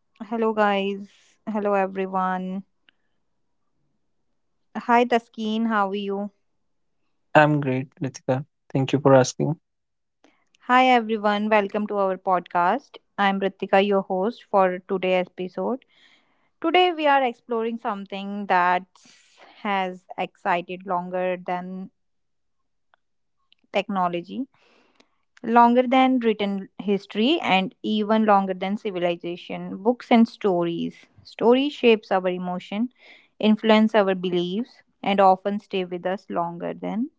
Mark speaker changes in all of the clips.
Speaker 1: Hello, guys. Hello, everyone. Hi, Taskeen. How are you?
Speaker 2: I'm great, Ritika. Thank you for asking.
Speaker 1: Hi, everyone. Welcome to our podcast. I'm Ritika, your host for today's episode. Today, we are exploring something that has excited longer than technology, longer than written history, and even longer than civilization. Books and stories, story shapes our emotion, influence our beliefs, and often stay with us longer than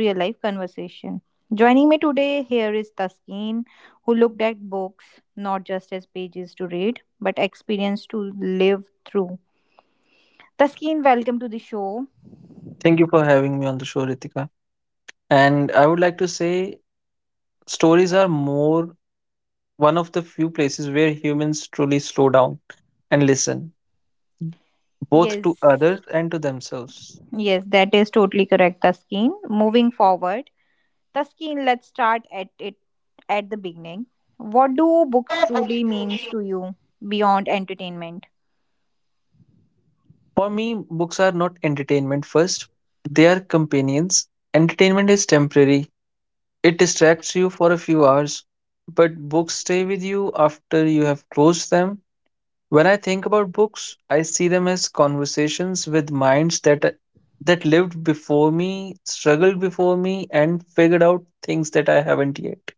Speaker 1: real life conversation. Joining me today here is Taskeen, who looked at books not just as pages to read but experience to live through. Taskeen, welcome to the show.
Speaker 2: Thank you for having me on the show, Ritika. And I would like to say stories are more one of the few places where humans truly slow down and listen, both to
Speaker 1: yes
Speaker 2: others and to themselves.
Speaker 1: yes that is totally correct, Taskeen. Moving forward, Taskeen, let's start at the beginning. What do books truly means to you beyond entertainment?
Speaker 2: For me, books are not entertainment first, they are companions. Entertainment is temporary, it distracts you for a few hours, but books stay with you after you have closed them. When I think about books, I see them as conversations with minds that lived before me, struggled before me, and figured out things that I haven't yet.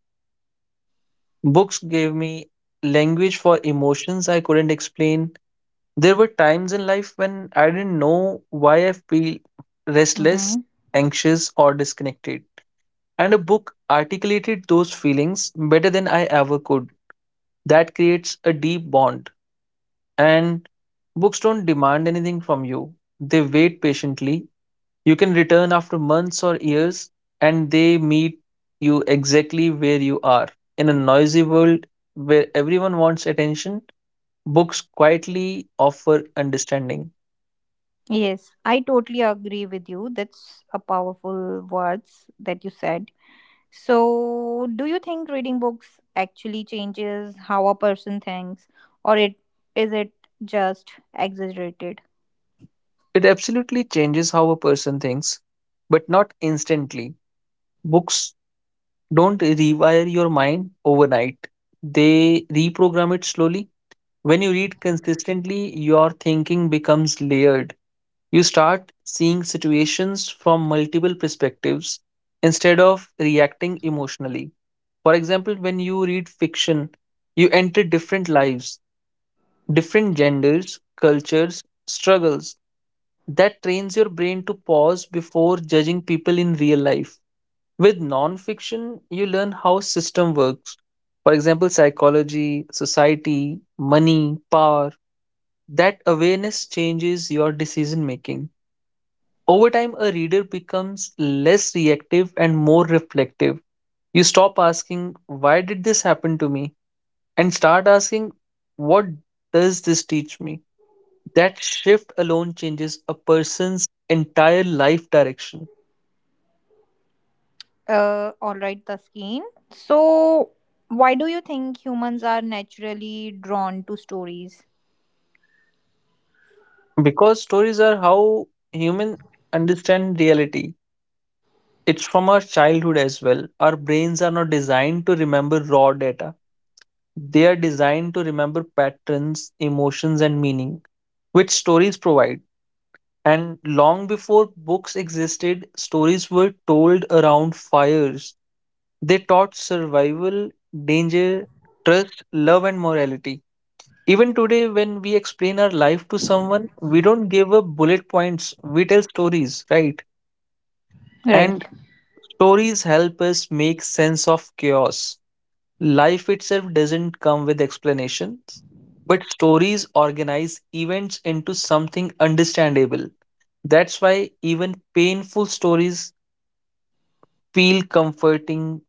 Speaker 2: Books gave me language for emotions I couldn't explain. There were times in life when I didn't know why I feel restless,
Speaker 1: Mm-hmm.
Speaker 2: anxious, or disconnected. And a book articulated those feelings better than I ever could. That creates a deep bond. And books don't demand anything from you, they wait patiently. You can return after months or years, and they meet you exactly where you are. In a noisy world where everyone wants attention, books quietly offer understanding.
Speaker 1: Yes, I totally agree with you. That's a powerful words that you said. So, do you think reading books actually changes how a person thinks, or it is it just exaggerated?
Speaker 2: It absolutely changes how a person thinks, but not instantly. Books don't rewire your mind overnight, they reprogram it slowly. When you read consistently, your thinking becomes layered. You start seeing situations from multiple perspectives instead of reacting emotionally. For example, when you read fiction, you enter different lives, different genders, cultures, struggles. That trains your brain to pause before judging people in real life. With non-fiction, you learn how system works. For example, psychology, society, money, power, that awareness changes your decision making. Over time, a reader becomes less reactive and more reflective. You stop asking, "Why did this happen to me?" and start asking, "What does this teach me?" That shift alone changes a person's entire life direction.
Speaker 1: All right, Taskeen. So, why do you think humans are naturally drawn to stories?
Speaker 2: Because stories are how humans understand reality. It's from our childhood as well. Our brains are not designed to remember raw data. They are designed to remember patterns, emotions, and meaning, which stories provide. And long before books existed, stories were told around fires. They taught survival, danger, trust, love, and morality. Even today, when we explain our life to someone, we don't give up bullet points, we tell stories, right?
Speaker 1: Right.
Speaker 2: And stories help us make sense of chaos. Life itself doesn't come with explanations, but stories organize events into something understandable. That's why even painful stories feel comforting.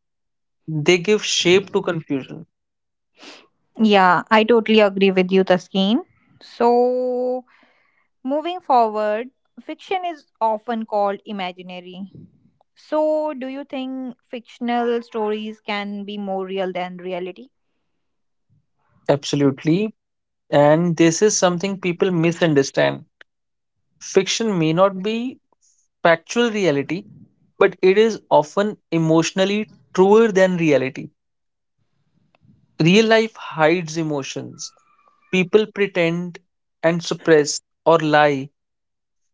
Speaker 2: They give shape to confusion.
Speaker 1: Yeah, I totally agree with you, Taskeen. So, moving forward, fiction is often called imaginary. So, do you think fictional stories can be more real than reality?
Speaker 2: Absolutely. And this is something people misunderstand. Fiction may not be factual reality, but it is often emotionally truer than reality. Real life hides emotions. People pretend and suppress or lie.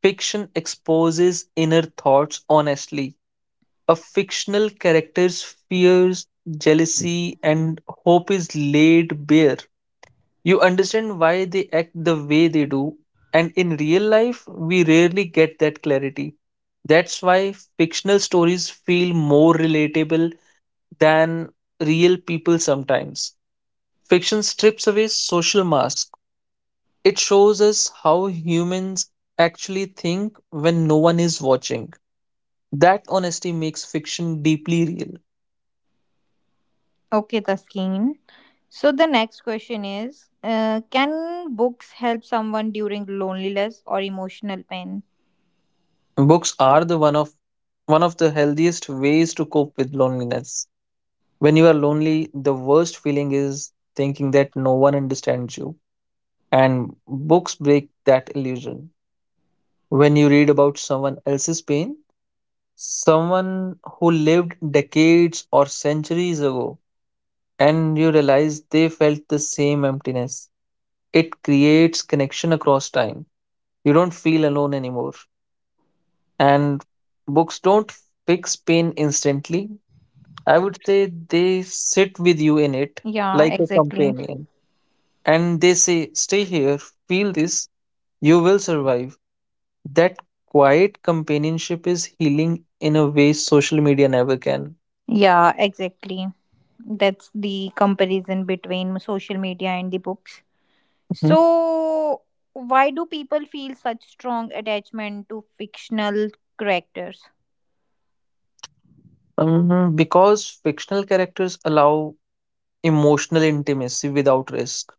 Speaker 2: Fiction exposes inner thoughts honestly. A fictional character's fears, jealousy, and hope is laid bare. You understand why they act the way they do, and in real life, we rarely get that clarity. That's why fictional stories feel more relatable than real people sometimes. Fiction strips away social masks. It shows us how humans actually think when no one is watching. That honesty makes fiction deeply real.
Speaker 1: Okay, Taskeen. So, the next question is can books help someone during loneliness or emotional pain?
Speaker 2: Books are the one of the healthiest ways to cope with loneliness. When you are lonely, the worst feeling is thinking that no one understands you, and books break that illusion. When you read about someone else's pain, someone who lived decades or centuries ago, and you realize they felt the same emptiness, it creates connection across time. You don't feel alone anymore. And books don't fix pain instantly. I would say they sit with you in it
Speaker 1: Yeah,
Speaker 2: like a
Speaker 1: exactly.
Speaker 2: companion. And they say, stay here, feel this, you will survive. That quiet companionship is healing in a way social media never can.
Speaker 1: Yeah, exactly. That's the comparison between social media and the books.
Speaker 2: Mhm.
Speaker 1: So, why do people feel such strong attachment to fictional characters?
Speaker 2: Because fictional characters allow emotional intimacy without risk.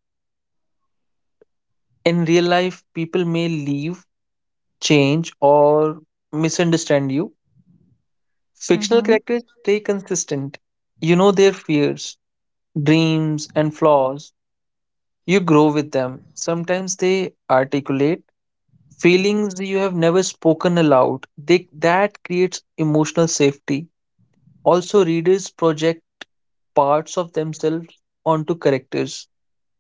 Speaker 2: In real life, people may leave, change, or misunderstand you. Fictional
Speaker 1: Mm-hmm.
Speaker 2: characters stay consistent. You know their fears, dreams, and flaws. You grow with them. Sometimes they articulate feelings you have never spoken aloud. That creates emotional safety. Also, readers project parts of themselves onto characters.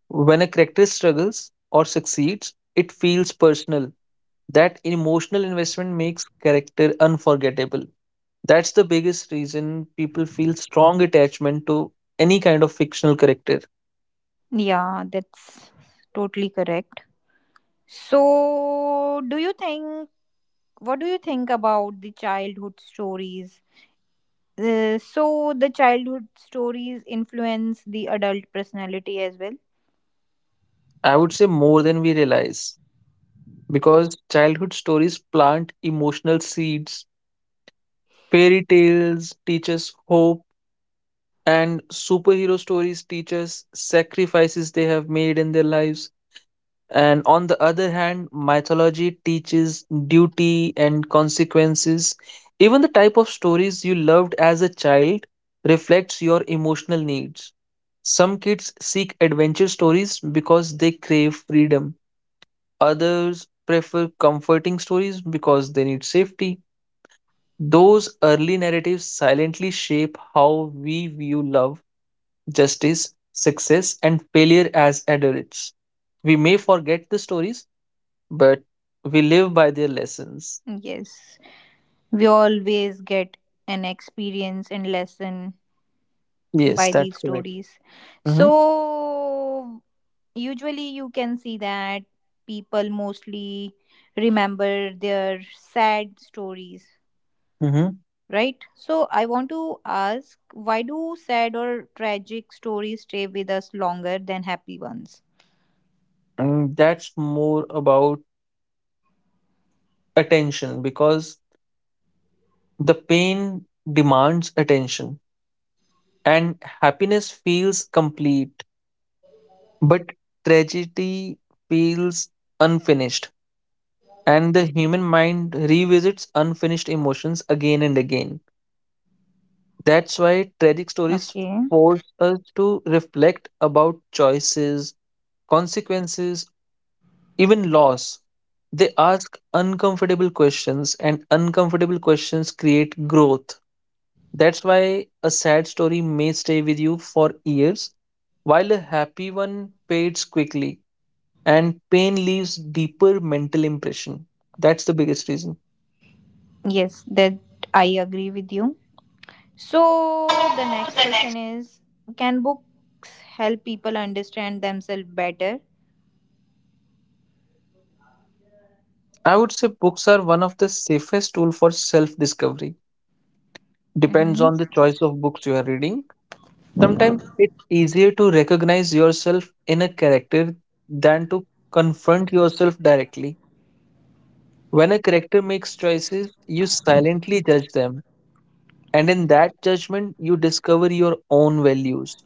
Speaker 2: When a character struggles or succeeds, it feels personal. That emotional investment makes character unforgettable. That's the biggest reason people feel strong attachment to any kind of fictional character.
Speaker 1: Yeah, that's totally correct. So, do you think, what do you think about the childhood stories? So, the childhood stories influence the adult personality as well?
Speaker 2: I would say more than we realize, because childhood stories plant emotional seeds. Fairy tales teach us hope, and superhero stories teach us sacrifices they have made in their lives. And on the other hand, mythology teaches duty and consequences. Even the type of stories you loved as a child reflects your emotional needs. Some kids seek adventure stories because they crave freedom. Others prefer comforting stories because they need safety. Those early narratives silently shape how we view love, justice, success, and failure as adults. We may forget the stories, but we live by their lessons.
Speaker 1: Yes. We always get an experience and lesson
Speaker 2: Yes,
Speaker 1: by
Speaker 2: that's
Speaker 1: these
Speaker 2: correct.
Speaker 1: stories.
Speaker 2: Mhm,
Speaker 1: So, usually you can see that people mostly remember their sad stories,
Speaker 2: mhm.
Speaker 1: right? So, I want to ask, why do sad or tragic stories stay with us longer than happy ones?
Speaker 2: And that's more about attention, because the pain demands attention and happiness feels complete, but tragedy feels unfinished. And the human mind revisits unfinished emotions again and again. That's why tragic stories
Speaker 1: Okay.
Speaker 2: force us to reflect about choices, consequences, even loss. They ask uncomfortable questions, and uncomfortable questions create growth. That's why a sad story may stay with you for years, while a happy one fades quickly, and pain leaves deeper mental impression. That's the biggest reason.
Speaker 1: Yes, that I agree with you. So, the next question is, can books help people understand themselves better?
Speaker 2: I would say books are one of the safest tool for self-discovery. Depends
Speaker 1: Mhm.
Speaker 2: on the choice of books you are reading. Sometimes it's easier to recognize yourself in a character than to confront yourself directly. When a character makes choices, you silently judge them, and in that judgment, you discover your own values.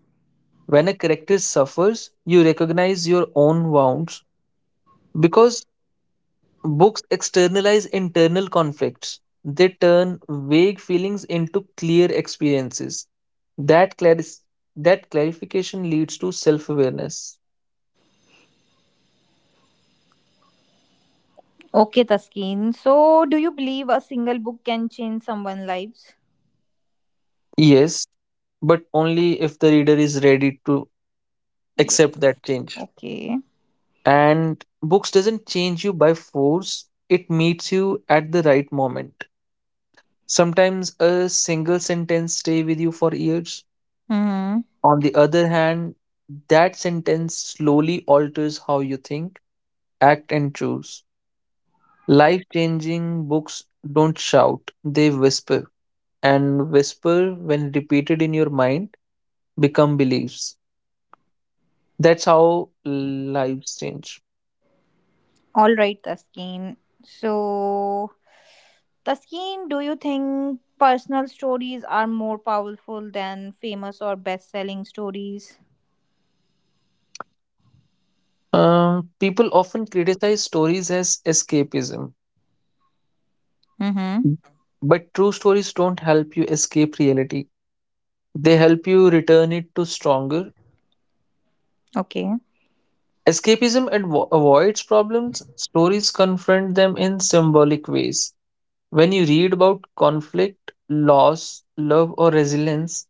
Speaker 2: When a character suffers, you recognize your own wounds, because books externalize internal conflicts. They turn vague feelings into clear experiences. That, claris- that clarification leads to self awareness.
Speaker 1: Okay, Taskeen. So, do you believe a single book can change someone's lives?
Speaker 2: Yes, but only if the reader is ready to
Speaker 1: Yes.
Speaker 2: accept that change.
Speaker 1: Okay.
Speaker 2: And books doesn't change you by force, it meets you at the right moment. Sometimes a single sentence stay with you for years.
Speaker 1: Mm-hmm.
Speaker 2: On the other hand, that sentence slowly alters how you think, act and choose. Life-changing books don't shout, they whisper. And whisper when repeated in your mind become beliefs. That's how lives change.
Speaker 1: All right, Taskeen. So, Taskeen, do you think personal stories are more powerful than famous or best-selling stories?
Speaker 2: People often criticize stories as escapism,
Speaker 1: Mm-hmm.
Speaker 2: but true stories don't help you escape reality. They help you return it to stronger.
Speaker 1: Okay.
Speaker 2: Escapism avoids problems, stories confront them in symbolic ways. When you read about conflict, loss, love, or resilience,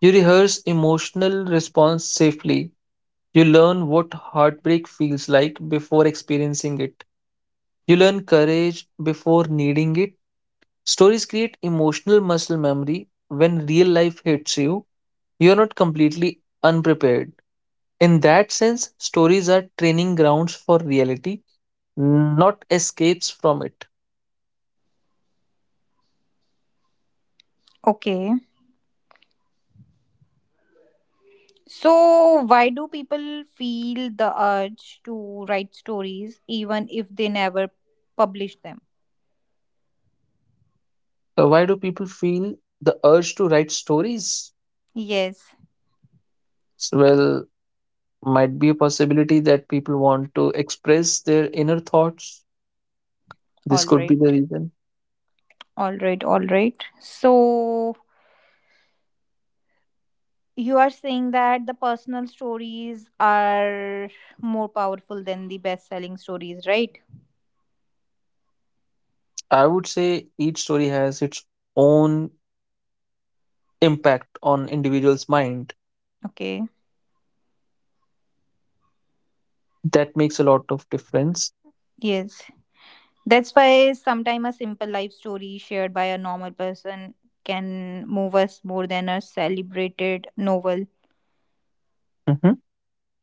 Speaker 2: you rehearse emotional response safely. You learn what heartbreak feels like before experiencing it. You learn courage before needing it. Stories create emotional muscle memory. When real life hits you, you're not completely unprepared. In that sense, stories are training grounds for reality, not escapes from it.
Speaker 1: Okay. So, why do people feel the urge to write stories even if they never publish them?
Speaker 2: Why do people feel the urge to write stories?
Speaker 1: Yes.
Speaker 2: Well, might be a possibility that people want to express their inner thoughts. This
Speaker 1: All
Speaker 2: could be
Speaker 1: right.
Speaker 2: the reason.
Speaker 1: All right, all right. So you are saying that the personal stories are more powerful than the best selling stories, right?
Speaker 2: I would say each story has its own impact on individual's mind.
Speaker 1: Okay,
Speaker 2: That makes a lot of difference.
Speaker 1: yes. That's why sometimes a simple life story shared by a normal person can move us more than a celebrated novel.
Speaker 2: Mhm.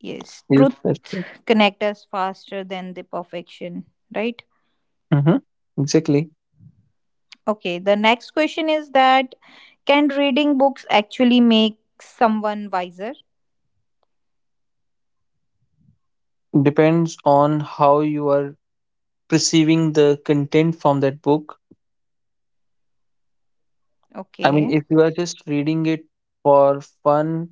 Speaker 1: Yes,
Speaker 2: Yes,
Speaker 1: truth
Speaker 2: that's right.
Speaker 1: connect us faster than the perfection, right?
Speaker 2: Mhm. Exactly.
Speaker 1: Okay, the next question is that, can reading books actually make someone wiser?
Speaker 2: Depends on how you are perceiving the content from that book. I mean,
Speaker 1: Okay.
Speaker 2: if you are just reading it for fun,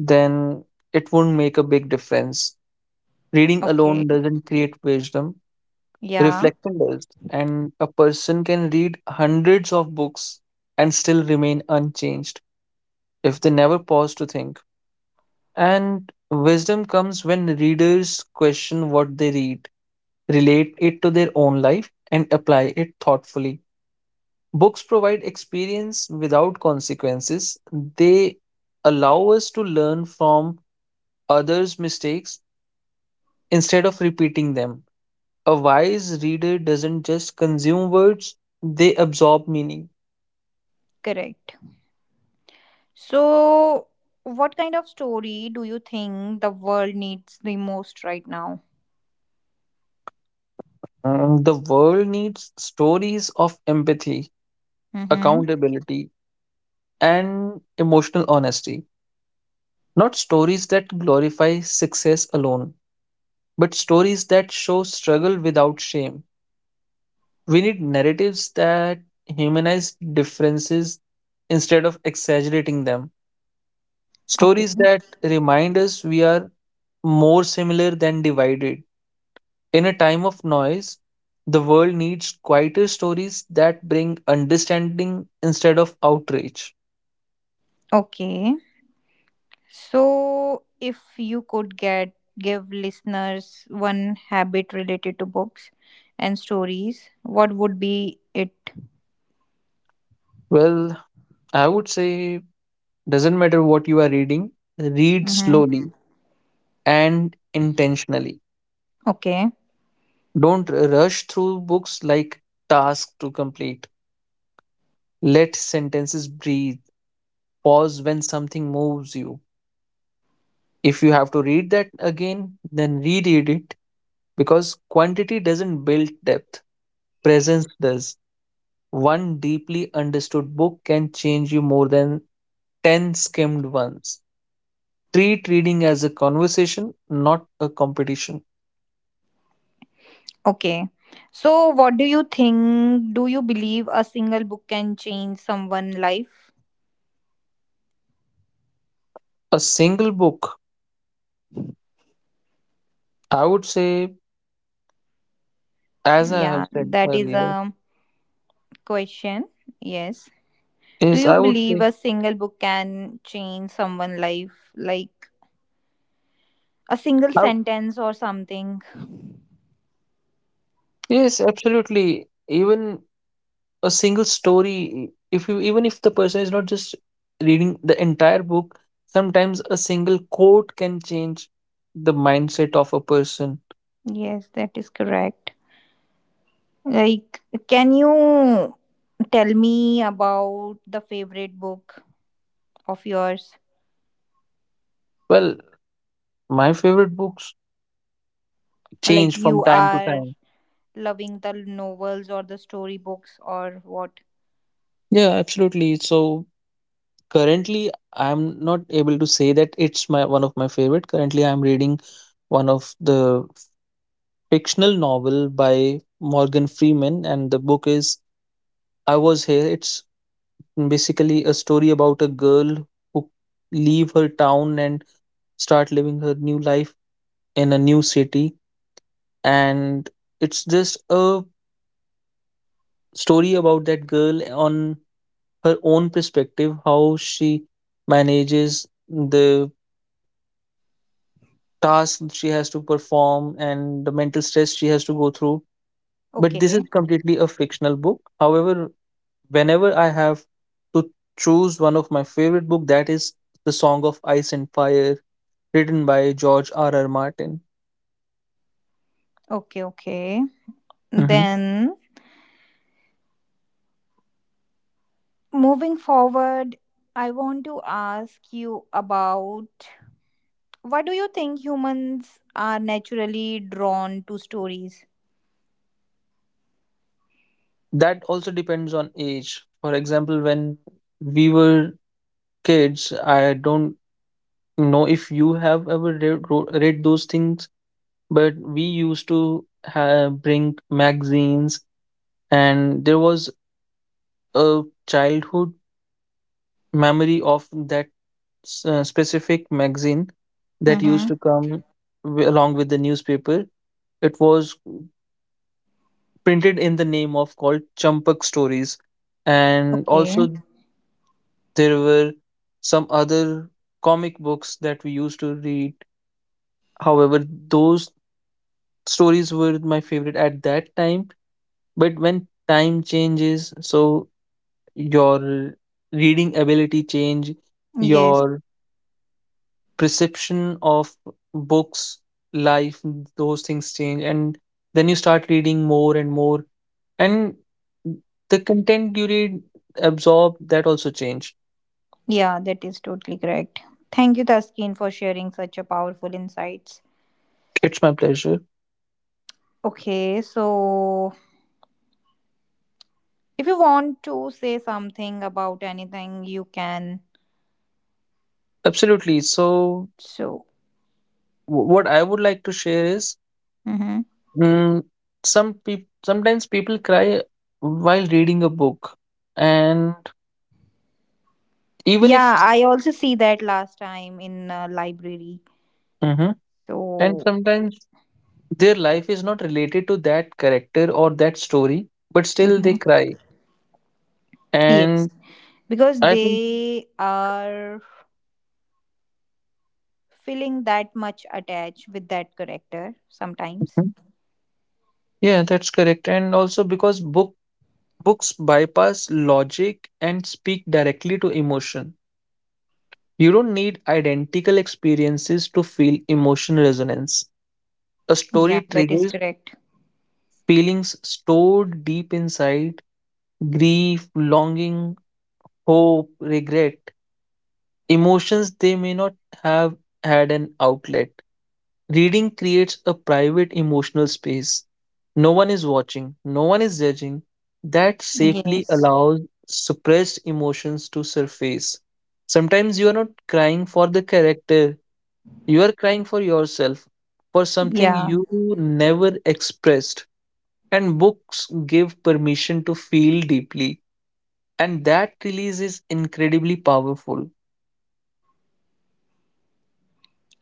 Speaker 2: then it won't make a big difference. Reading
Speaker 1: Okay.
Speaker 2: alone doesn't create wisdom,
Speaker 1: Yeah,
Speaker 2: reflection does. And a person can read hundreds of books and still remain unchanged if they never pause to think. And wisdom comes when readers question what they read, relate it to their own life, and apply it thoughtfully. Books provide experience without consequences. They allow us to learn from others' mistakes instead of repeating them. A wise reader doesn't just consume words, they absorb meaning.
Speaker 1: correct. So, what kind of story do you think the world needs the most right now?
Speaker 2: The world needs stories of empathy,
Speaker 1: Mm-hmm.
Speaker 2: accountability, and emotional honesty. Not stories that glorify success alone, but stories that show struggle without shame. We need narratives that humanize differences instead of exaggerating them.
Speaker 1: Okay.
Speaker 2: Stories that remind us we are more similar than divided. In a time of noise, the world needs quieter stories that bring understanding instead of outrage.
Speaker 1: Okay. So, if you could get give listeners one habit related to books and stories, what would be it?
Speaker 2: Well, I would say doesn't matter what you are reading, read
Speaker 1: Mm-hmm.
Speaker 2: slowly and intentionally.
Speaker 1: Okay.
Speaker 2: Don't rush through books like tasks to complete. Let sentences breathe. Pause when something moves you. If you have to read that again, then reread it, because quantity doesn't build depth, presence does. One deeply understood book can change you more than 10 skimmed ones. Treat reading as a conversation, not a competition.
Speaker 1: Okay. So, what do you think? Do you believe a single book can change someone' life?
Speaker 2: A single book, I would say, as I have
Speaker 1: Yeah,
Speaker 2: said
Speaker 1: that is
Speaker 2: earlier,
Speaker 1: a question. Yes. Do
Speaker 2: yes,
Speaker 1: you
Speaker 2: I would
Speaker 1: believe
Speaker 2: say.
Speaker 1: a single book can change someone's life? Like a single
Speaker 2: I, w-
Speaker 1: sentence or something?
Speaker 2: yes, absolutely. Even a single story, if you, even if the person is not just reading the entire book, sometimes a single quote can change the mindset of a person.
Speaker 1: Yes, that is correct. Like, can you tell me about the favorite book of yours?
Speaker 2: Well, my favorite books
Speaker 1: Like,
Speaker 2: change from
Speaker 1: you
Speaker 2: time to
Speaker 1: are
Speaker 2: time.
Speaker 1: loving the novels or the storybooks or what?
Speaker 2: Yeah, absolutely. So currently, I'm not able to say that it's my one of my favorite. Currently, I'm reading one of the fictional novel by Morgan Freeman, and the book is I Was Here. It's basically a story about a girl who leave her town and start living her new life in a new city. And it's just a story about that girl on her own perspective, how she manages the task she has to perform and the mental stress she has to go through. But this
Speaker 1: Okay,
Speaker 2: is completely a fictional book. However, whenever I have to choose one of my favorite book, that is The Song of Ice and Fire, written by George R. R. Martin.
Speaker 1: okay, okay.
Speaker 2: Hmm.
Speaker 1: Then moving forward, I want to ask you about, why do you think humans are naturally drawn to stories?
Speaker 2: That also depends on age. For example, when we were kids, I don't know if you have ever read, read those things, but we used to have, bring magazines, and there was a childhood memory of that specific magazine that used
Speaker 1: Mm-hmm.
Speaker 2: to come along with the newspaper. It was printed in the name of called Champak Stories, and
Speaker 1: Okay.
Speaker 2: also there were some other comic books that we used to read. However, those stories were my favorite at that time. But when time changes, so your reading ability change,
Speaker 1: Yes.
Speaker 2: your perception of books, life, those things change. And then you start reading more and more. And the content you read, absorb, that also change.
Speaker 1: Yeah, that is totally correct. Thank you, Taskin, for sharing such a powerful insights.
Speaker 2: It's my pleasure.
Speaker 1: Okay, so if you want to say something about anything, you can.
Speaker 2: Absolutely. So,
Speaker 1: So,
Speaker 2: what I would like to share is
Speaker 1: mm-hmm.
Speaker 2: mm, some people, sometimes people cry while reading a book. And even if,
Speaker 1: Yeah, I also see that last time in library.
Speaker 2: mhm,
Speaker 1: So,
Speaker 2: and sometimes their life is not related to that character or that story, but still they
Speaker 1: mhm.
Speaker 2: cry.
Speaker 1: Yes,
Speaker 2: And
Speaker 1: because
Speaker 2: I think,
Speaker 1: they are feeling that much attached with that character sometimes.
Speaker 2: mhm, yeah, that's correct. And also because books bypass logic and speak directly to emotion. You don't need identical experiences to feel emotional resonance. A
Speaker 1: Yeah,
Speaker 2: story
Speaker 1: that is
Speaker 2: triggers
Speaker 1: correct.
Speaker 2: feelings stored deep inside, grief, longing, hope, regret, emotions they may not have had an outlet. Reading creates a private emotional space. No one is watching, no one is judging. That safely
Speaker 1: Yes.
Speaker 2: allows suppressed emotions to surface. Sometimes you are not crying for the character, you are crying for yourself, for something
Speaker 1: Yeah.
Speaker 2: you never expressed. And books give permission to feel deeply. And that release is incredibly powerful.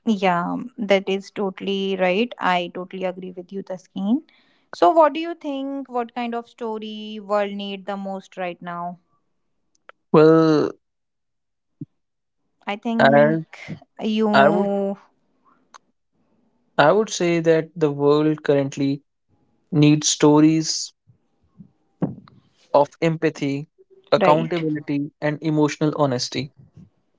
Speaker 1: Yeah, that is totally right. I totally agree with you, Taskeen. So, what do you think? What kind of story world need the most right now?
Speaker 2: Well,
Speaker 1: I think
Speaker 2: I, I would
Speaker 1: you
Speaker 2: I would say that the world currently need stories of empathy,
Speaker 1: right.
Speaker 2: accountability, and emotional honesty.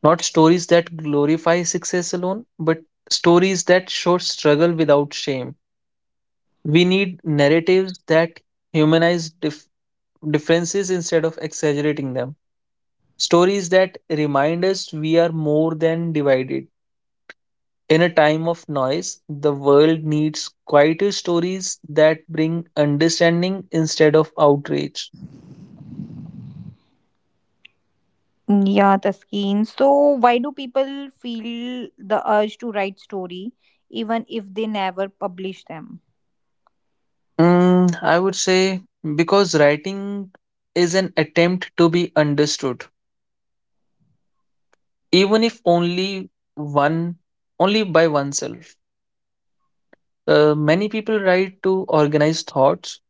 Speaker 2: Not stories that glorify success alone, but stories that show struggle without shame. We need narratives that humanize differences instead of exaggerating them. Stories that remind us we are more than divided. In a time of noise, the world needs quieter stories that bring understanding instead of outrage.
Speaker 1: Yeah, Taskeen. So, why do people feel the urge to write story even if they never publish them?
Speaker 2: I would say because writing is an attempt to be understood, even if only one, only by oneself. Many people write to organize thoughts,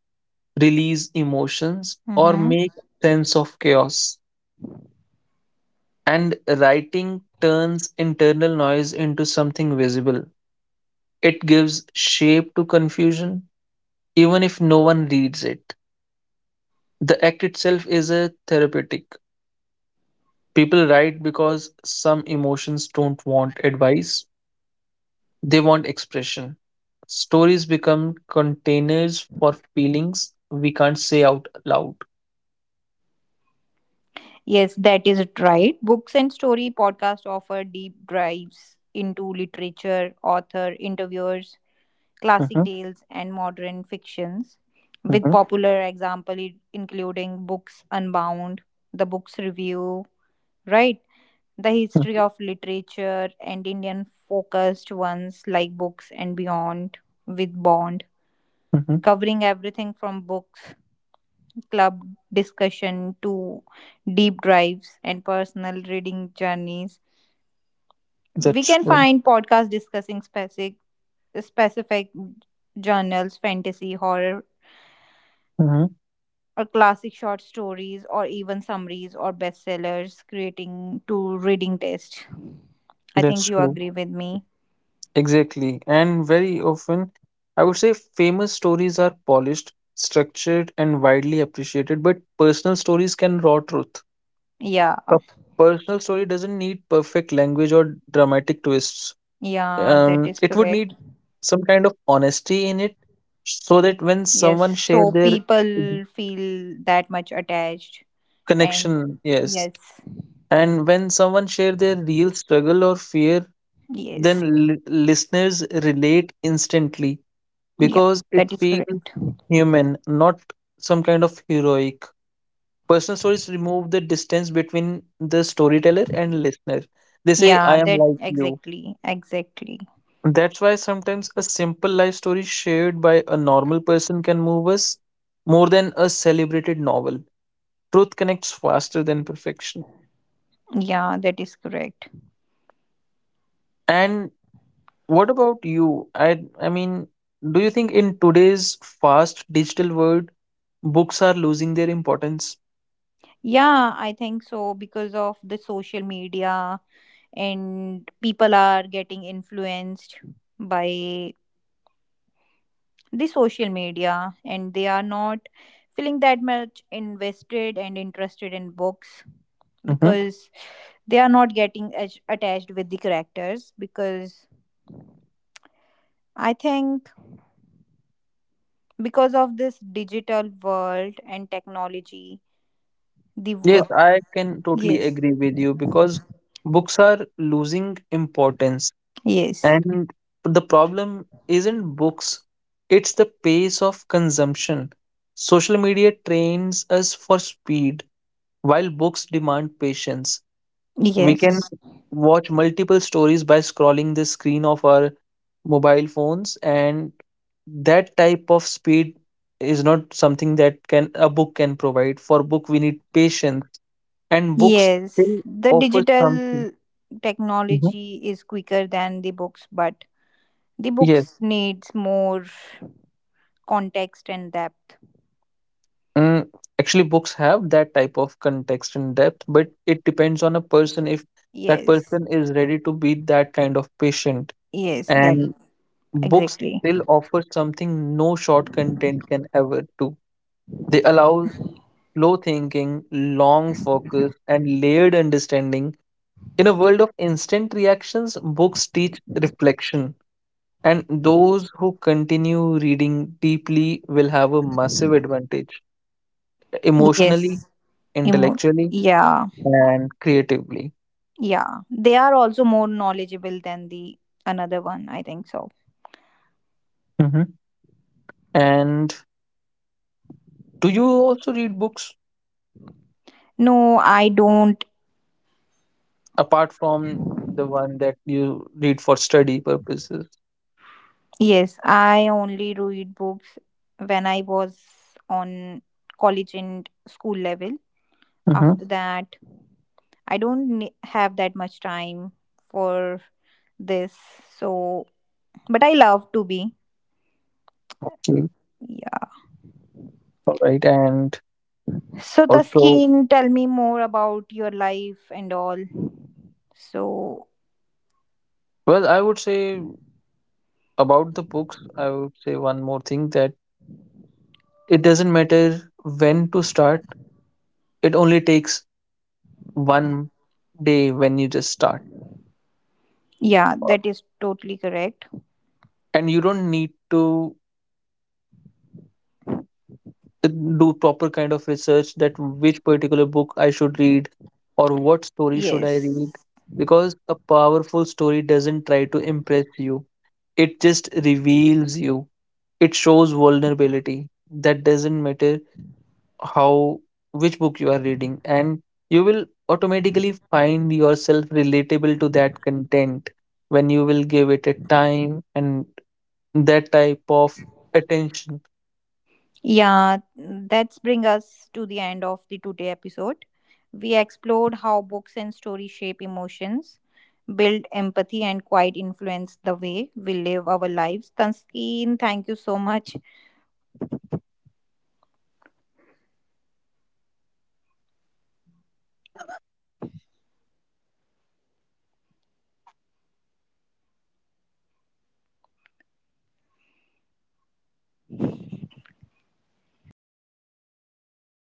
Speaker 2: release emotions, or
Speaker 1: Mm-hmm.
Speaker 2: make sense of chaos. And writing turns internal noise into something visible. It gives shape to confusion, even if no one reads it. The act itself is a therapeutic. People write because some emotions don't want advice, they want expression. Stories become containers for feelings we can't say out loud.
Speaker 1: Yes, that is right. Books and Story podcast offer deep dives into literature, author, interviewers, classic
Speaker 2: Mhm,
Speaker 1: tales, and modern fictions, with
Speaker 2: mhm,
Speaker 1: popular example including Books Unbound, The Books Review, right? The history
Speaker 2: mhm,
Speaker 1: of literature and Indian focused ones like Books and Beyond with Bond,
Speaker 2: mhm.
Speaker 1: covering everything from books club discussion to deep drives and personal reading journeys. We
Speaker 2: That's
Speaker 1: can
Speaker 2: true.
Speaker 1: find podcasts discussing specific journals, fantasy, horror,
Speaker 2: Mhm.
Speaker 1: or classic short stories, or even summaries or bestsellers, creating to reading taste. I
Speaker 2: That's
Speaker 1: think you
Speaker 2: true.
Speaker 1: agree with me.
Speaker 2: Exactly. And very often, I would say famous stories are polished, structured, and widely appreciated, but personal stories can raw truth.
Speaker 1: Yeah,
Speaker 2: A personal story doesn't need perfect language or dramatic twists,
Speaker 1: yeah, that is
Speaker 2: it would
Speaker 1: correct.
Speaker 2: need some kind of honesty in it so that when
Speaker 1: Yes,
Speaker 2: someone share
Speaker 1: so
Speaker 2: their d-
Speaker 1: people feel that much attached,
Speaker 2: connection,
Speaker 1: and
Speaker 2: yes,
Speaker 1: yes,
Speaker 2: and when someone share their real struggle or fear,
Speaker 1: yes.
Speaker 2: then listeners relate instantly
Speaker 1: Yeah,
Speaker 2: because it
Speaker 1: that is
Speaker 2: feels
Speaker 1: correct.
Speaker 2: human, not some kind of heroic. Personal stories remove the distance between the storyteller and listener. They say
Speaker 1: Yeah,
Speaker 2: I am
Speaker 1: that
Speaker 2: like you.
Speaker 1: exactly, exactly.
Speaker 2: That's why sometimes a simple life story shared by a normal person can move us more than a celebrated novel. Truth connects faster than perfection.
Speaker 1: Yeah, that is correct.
Speaker 2: And what about you? I mean, do you think in today's fast digital world, books are losing their importance?
Speaker 1: Yeah, I think so, because of the social media, and people are getting influenced by the social media, and they are not feeling that much invested and interested in books,
Speaker 2: Hmm.
Speaker 1: because they are not getting as attached with the characters, because I think because of this digital world and technology, the
Speaker 2: Yes,
Speaker 1: wo-
Speaker 2: I can totally
Speaker 1: yes,
Speaker 2: agree with you because books are losing importance.
Speaker 1: yes,
Speaker 2: And the problem isn't books, it's the pace of consumption. Social media trains us for speed, while books demand patience. We can
Speaker 1: yes,
Speaker 2: watch multiple stories by scrolling the screen of our mobile phones, and that type of speed is not something that can a book can provide. For book, we need patience, and books
Speaker 1: yes,
Speaker 2: still
Speaker 1: the
Speaker 2: offer something.
Speaker 1: digital
Speaker 2: Mhm.
Speaker 1: technology is quicker than the books, but the
Speaker 2: Yes.
Speaker 1: books needs more context and depth.
Speaker 2: Mm, actually, books have that type of context and depth, but it depends on a person if that
Speaker 1: Yes,
Speaker 2: person is ready to be that kind of patient.
Speaker 1: yes, that
Speaker 2: And books
Speaker 1: exactly,
Speaker 2: still offer something no short content can ever do. They allow slow thinking, long focus, and layered understanding. In a world of instant reactions, books teach reflection. And those who continue reading deeply will have a massive advantage emotionally,
Speaker 1: yes. Emo-
Speaker 2: intellectually
Speaker 1: yeah,
Speaker 2: and creatively.
Speaker 1: yeah, they are also more knowledgeable than the another one, I think so.
Speaker 2: Hmm. And do you also read books
Speaker 1: No, I don't.
Speaker 2: apart from the one that you read for study purposes?
Speaker 1: Yes, I only read books when I was on college and school level.
Speaker 2: Hmm.
Speaker 1: After that, I don't have that much time for this. So, but I love to be.
Speaker 2: Okay,
Speaker 1: Yeah.
Speaker 2: all right. And
Speaker 1: So,
Speaker 2: also,
Speaker 1: Taskin, tell me more about your life and all. So,
Speaker 2: well, I would say about the books, I would say one more thing that it doesn't matter when to start, it only takes one day when you just start.
Speaker 1: yeah, that is totally correct.
Speaker 2: And you don't need to do proper kind of research that which particular book I should read or what story should I
Speaker 1: Yes.
Speaker 2: read, because a powerful story doesn't try to impress you, it just reveals you, it shows vulnerability. That doesn't matter how which book you are reading, and you will automatically find yourself relatable to that content when you will give it a time and that type of attention.
Speaker 1: Yeah, that's bring us to the end of the today episode. We explored how books and stories shape emotions, build empathy, and quite influence the way we live our lives. Tanseen, thank you so much.